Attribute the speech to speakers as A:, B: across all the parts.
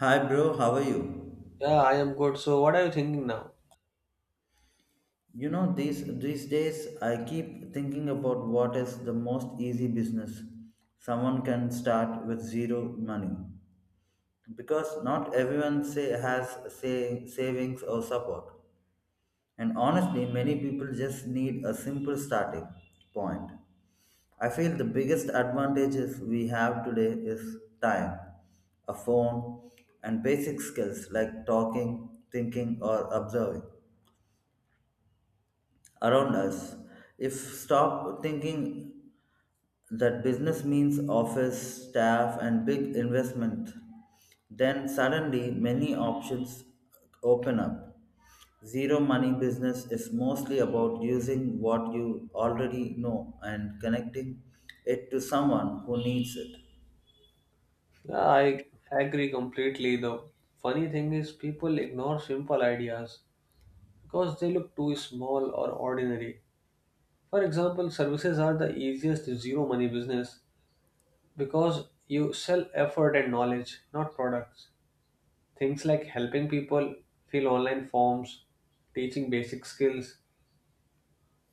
A: Hi bro, how are you?
B: Yeah, I am good. So, what are you thinking now?
A: You know these days I keep thinking about what is the most easy business someone can start with zero money because not everyone say has say savings or support. And honestly, many people just need a simple starting point. I feel the biggest advantages we have today is time, a phone, and basic skills like talking, thinking, or observing. Around us. If stop thinking that business means office, staff, and big investment, then suddenly many options open up. Zero money business is mostly about using what you already know and connecting it to someone who needs it.
B: Yeah, I agree completely. The funny thing is, people ignore simple ideas because they look too small or ordinary. For example, services are the easiest zero money business because you sell effort and knowledge, not products. Things like helping people fill online forms, teaching basic skills,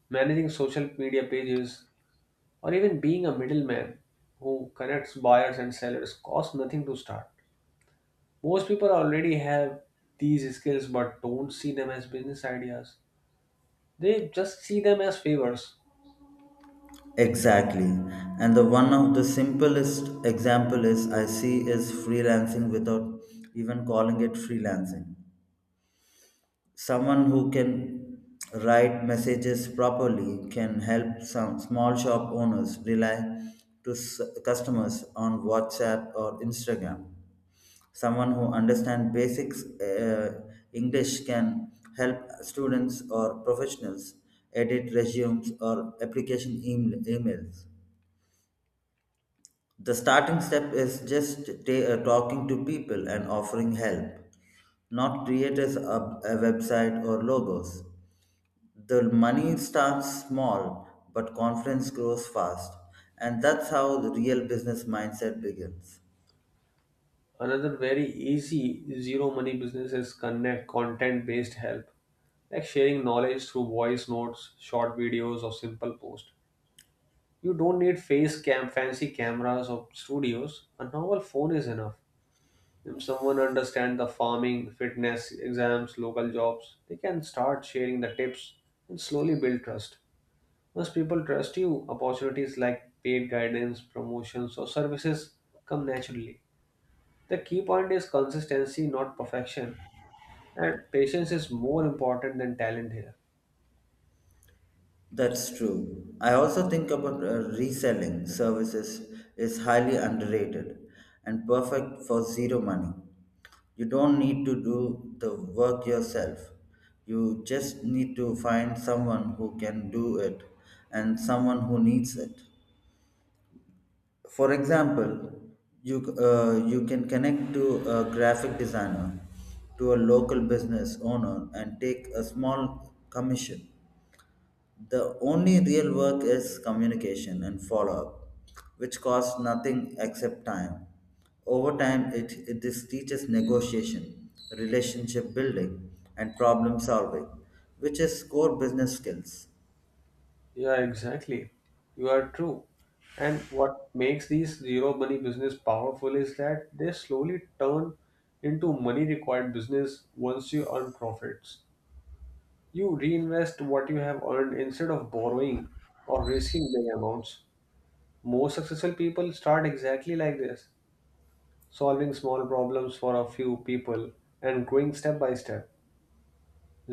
B: managing social media pages, or even being a middleman who connects buyers and sellers cost nothing to start. Most people already have these skills but don't see them as business ideas. They just see them as favors.
A: Exactly. And the one of the simplest example is I see is freelancing without even calling it freelancing. Someone who can write messages properly can help some small shop owners rely to customers on WhatsApp or Instagram. Someone who understands basics English can help students or professionals edit resumes or application emails. The starting step is just talking to people and offering help, not creators a website or logos. The money starts small, but confidence grows fast. And that's how the real business mindset begins.
B: Another very easy zero money business is connect content based help, like sharing knowledge through voice notes, short videos, or simple posts. You don't need face cam, fancy cameras or studios. A normal phone is enough. If someone understands the farming, fitness, exams, local jobs, they can start sharing the tips and slowly build trust. Once people trust you, opportunities like paid guidance, promotions, or services come naturally. The key point is consistency, not perfection, and patience is more important than talent here.
A: That's true. I also think about reselling services is highly underrated and perfect for zero money. You don't need to do the work yourself. You just need to find someone who can do it and someone who needs it. For example, you can connect to a graphic designer, to a local business owner, and take a small commission. The only real work is communication and follow up, which costs nothing except time. Over time, it this teaches negotiation, relationship building, and problem solving, which is core business skills.
B: Yeah, exactly. You are true. And what makes these zero money business powerful is that they slowly turn into money required business once you earn profits. You reinvest what you have earned instead of borrowing or risking big amounts. Most successful people start exactly like this, solving small problems for a few people and growing step by step.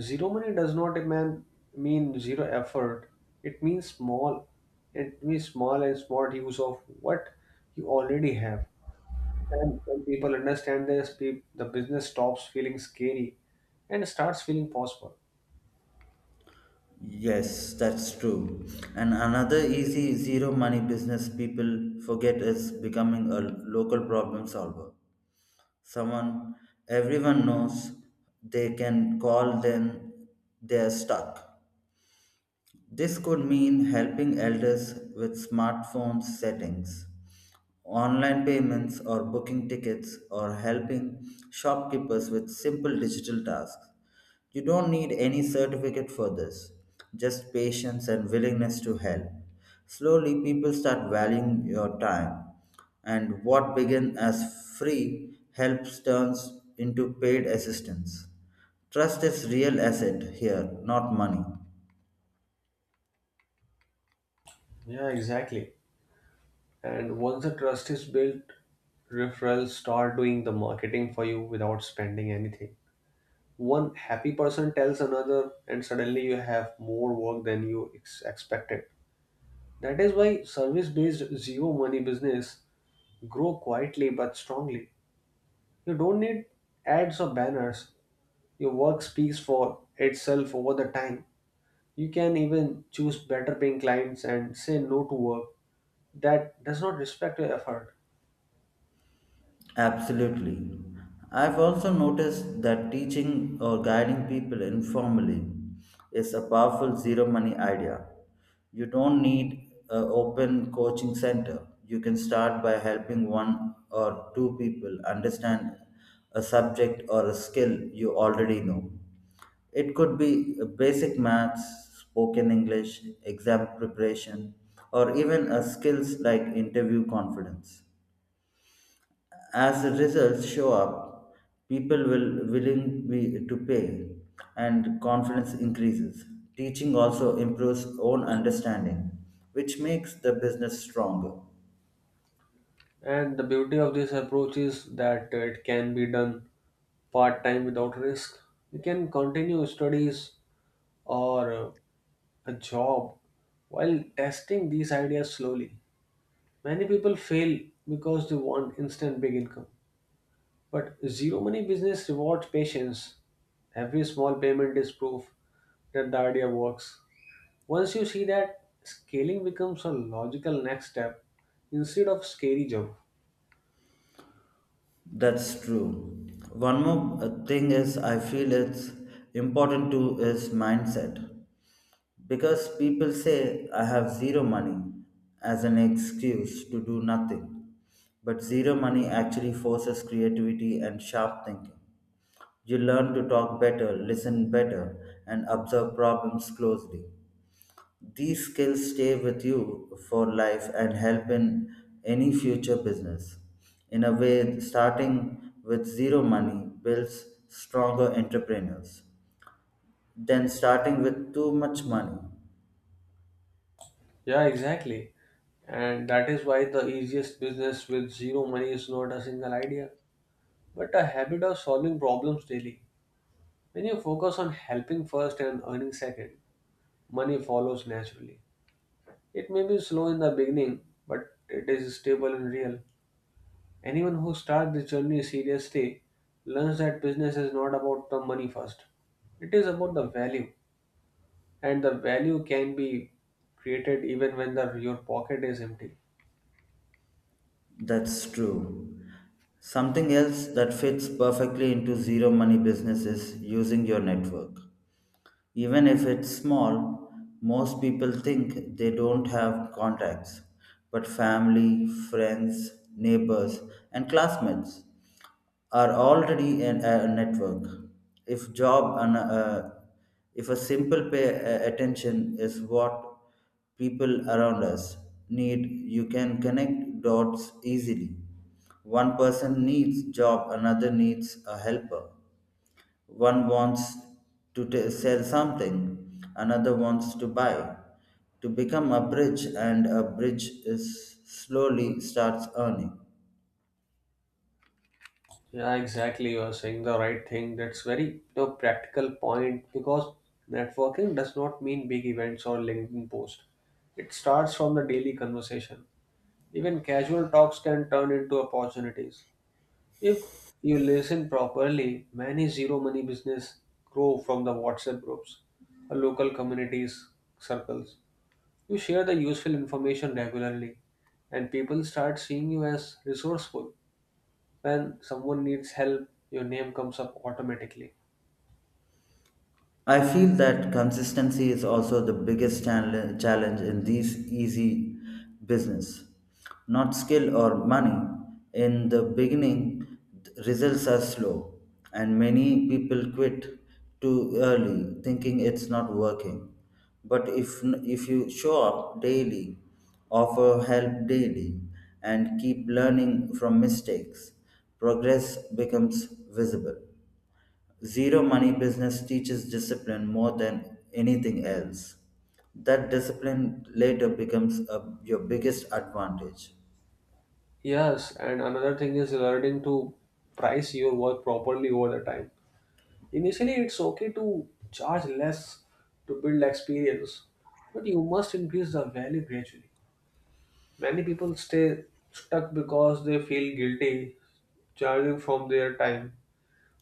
B: Zero money does not demand, mean zero effort. It means small. It means small and smart use of what you already have. And when people understand this, the business stops feeling scary and starts feeling possible.
A: Yes, that's true. And another easy zero money business people forget is becoming a local problem solver. Someone everyone knows they can call them they're stuck. This could mean helping elders with smartphone settings, online payments, or booking tickets, or helping shopkeepers with simple digital tasks. You don't need any certificate for this, just patience and willingness to help. Slowly, people start valuing your time, and what began as free help turns into paid assistance. Trust is real asset here, not money.
B: Yeah, exactly. And once the trust is built, referrals start doing the marketing for you without spending anything. One happy person tells another, and suddenly you have more work than you expected. That is why service based zero money business grow quietly but strongly. You don't need ads or banners. Your work speaks for itself over the time. You can even choose better paying clients and say no to work that does not respect your effort.
A: Absolutely. I've also noticed that teaching or guiding people informally is a powerful zero money idea. You don't need an open coaching center. You can start by helping one or two people understand a subject or a skill you already know. It could be basic maths, spoken English, exam preparation, or even a skills like interview confidence. As the results show up, people will willing be to pay and confidence increases. Teaching also improves own understanding, which makes the business stronger.
B: And the beauty of this approach is that it can be done part time without risk. You can continue studies or a job while testing these ideas slowly. Many people fail because they want instant big income. But zero money business rewards patience. Every small payment is proof that the idea works. Once you see that, scaling becomes a logical next step instead of scary jump.
A: That's true. One more thing is I feel it's important to is mindset. Because people say, I have zero money as an excuse to do nothing. But zero money actually forces creativity and sharp thinking. You learn to talk better, listen better, and observe problems closely. These skills stay with you for life and help in any future business. In a way, starting with zero money builds stronger entrepreneurs than starting with too much money.
B: Yeah, exactly. And that is why the easiest business with zero money is not a single idea, but a habit of solving problems daily. When you focus on helping first and earning second, money follows naturally. It may be slow in the beginning, but it is stable and real. Anyone who starts this journey seriously learns that business is not about the money first. It is about the value, and the value can be created even when the, your pocket is empty.
A: That's true. Something else that fits perfectly into zero money business is using your network. Even if it's small, most people think they don't have contacts, but family, friends, neighbors, and classmates are already in a network. If job and if a simple pay attention is what people around us need, you can connect dots easily. One person needs job, another needs a helper. One wants to sell something, another wants to buy. To become a bridge, and a bridge is slowly starts earning.
B: Yeah, exactly. You are saying the right thing. That's very, you know, practical point because networking does not mean big events or LinkedIn post. It starts from the daily conversation. Even casual talks can turn into opportunities. If you listen properly, many zero money business grow from the WhatsApp groups or local communities circles. You share the useful information regularly and people start seeing you as resourceful. When someone needs help, your name comes up automatically.
A: I feel that consistency is also the biggest challenge in these easy business. Not skill or money. In the beginning, results are slow, and many people quit too early, thinking it's not working. But if you show up daily, offer help daily, and keep learning from mistakes, progress becomes visible. Zero money business teaches discipline more than anything else. That discipline later becomes your biggest advantage.
B: Yes, and another thing is learning to price your work properly over the time. Initially, it's okay to charge less to build experience, but you must increase the value gradually. Many people stay stuck because they feel guilty charging from their time.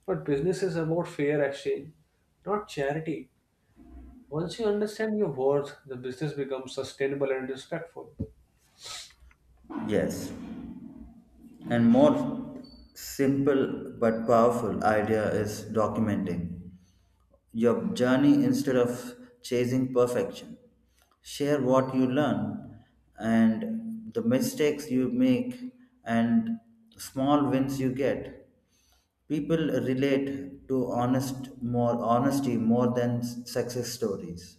B: But business is about fair exchange, not charity. Once you understand your worth, the business becomes sustainable and respectful.
A: Yes. And more simple but powerful idea is documenting your journey instead of chasing perfection. Share what you learn and the mistakes you make and small wins you get. People relate to honest more honesty more than success stories.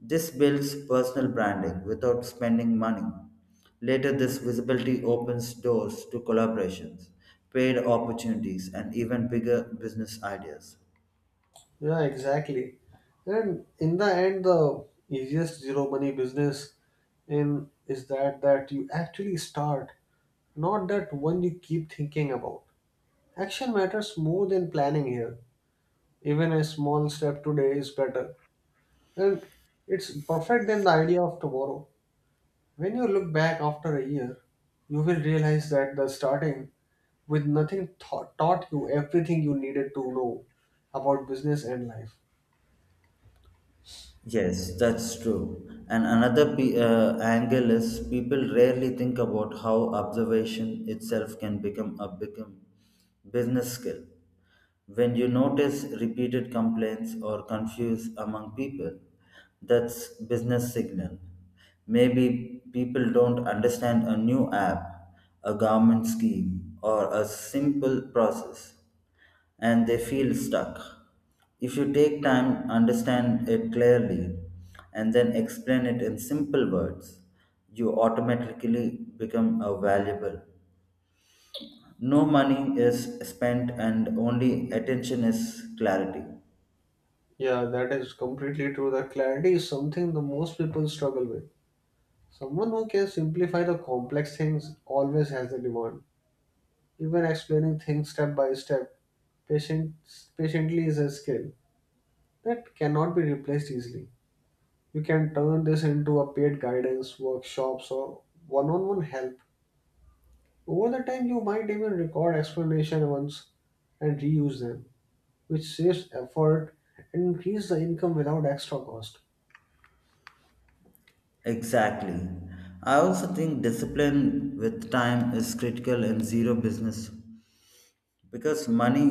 A: This builds personal branding without spending money. Later, this visibility opens doors to collaborations, paid opportunities, and even bigger business ideas.
B: Yeah, exactly. And in the end, the easiest zero money business in is that that you actually start, not that one you keep thinking about. Action matters more than planning here. Even a small step today is better, and it's perfect than the idea of tomorrow. When you look back after a year, you will realize that the starting with nothing taught you everything you needed to know about business and life.
A: Yes, that's true. And another angle is people rarely think about how observation itself can become a become business skill. When you notice repeated complaints or confuse among people, that's business signal. Maybe people don't understand a new app, a government scheme, or a simple process, and they feel stuck. If you take time, understand it clearly, and then explain it in simple words, you automatically become a valuable. No money is spent and only attention is clarity.
B: Yeah, that is completely true. That clarity is something the most people struggle with. Someone who can simplify the complex things always has the demand. Even explaining things step by step, patience, patiently is a skill that cannot be replaced easily. You can turn this into a paid guidance, workshops, or one-on-one help. Over the time, you might even record explanation once and reuse them, which saves effort and increase the income without extra cost.
A: Exactly. I also think discipline with time is critical in zero business because money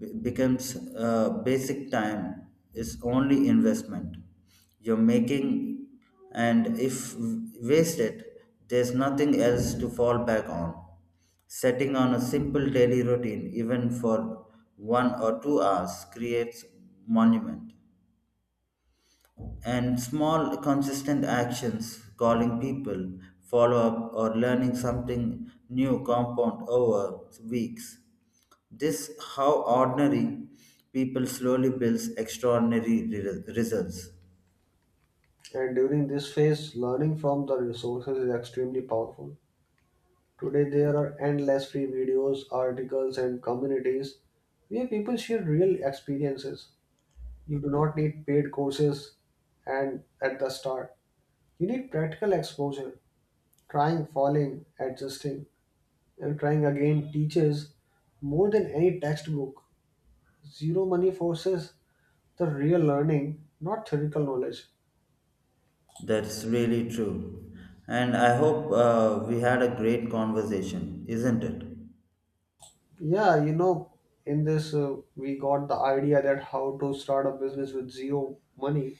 A: becomes basic time is only investment you're making, and if wasted there's nothing else to fall back on. Setting on a simple daily routine even for 1 or 2 hours creates monument, and small consistent actions calling people follow up or learning something new compound over weeks. This how ordinary people slowly builds extraordinary results.
B: And during this phase, learning from the resources is extremely powerful. Today, there are endless free videos, articles, and communities where people share real experiences. You do not need paid courses and at the start. You need practical exposure, trying, falling, adjusting, and trying again teaches more than any textbook. Zero money forces the real learning, not theoretical knowledge.
A: That's really true, and I hope we had a great conversation, isn't it?
B: Yeah, you know, in this, we got the idea that how to start a business with zero money.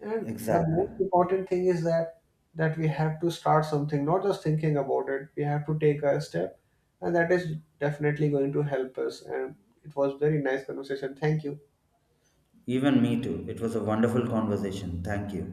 B: And the
A: Exactly.
B: most important thing is that that we have to start something, not just thinking about it. We have to take a step, and that is definitely going to help us. And it was very nice conversation. Thank you.
A: Even me too, it was a wonderful conversation. Thank you.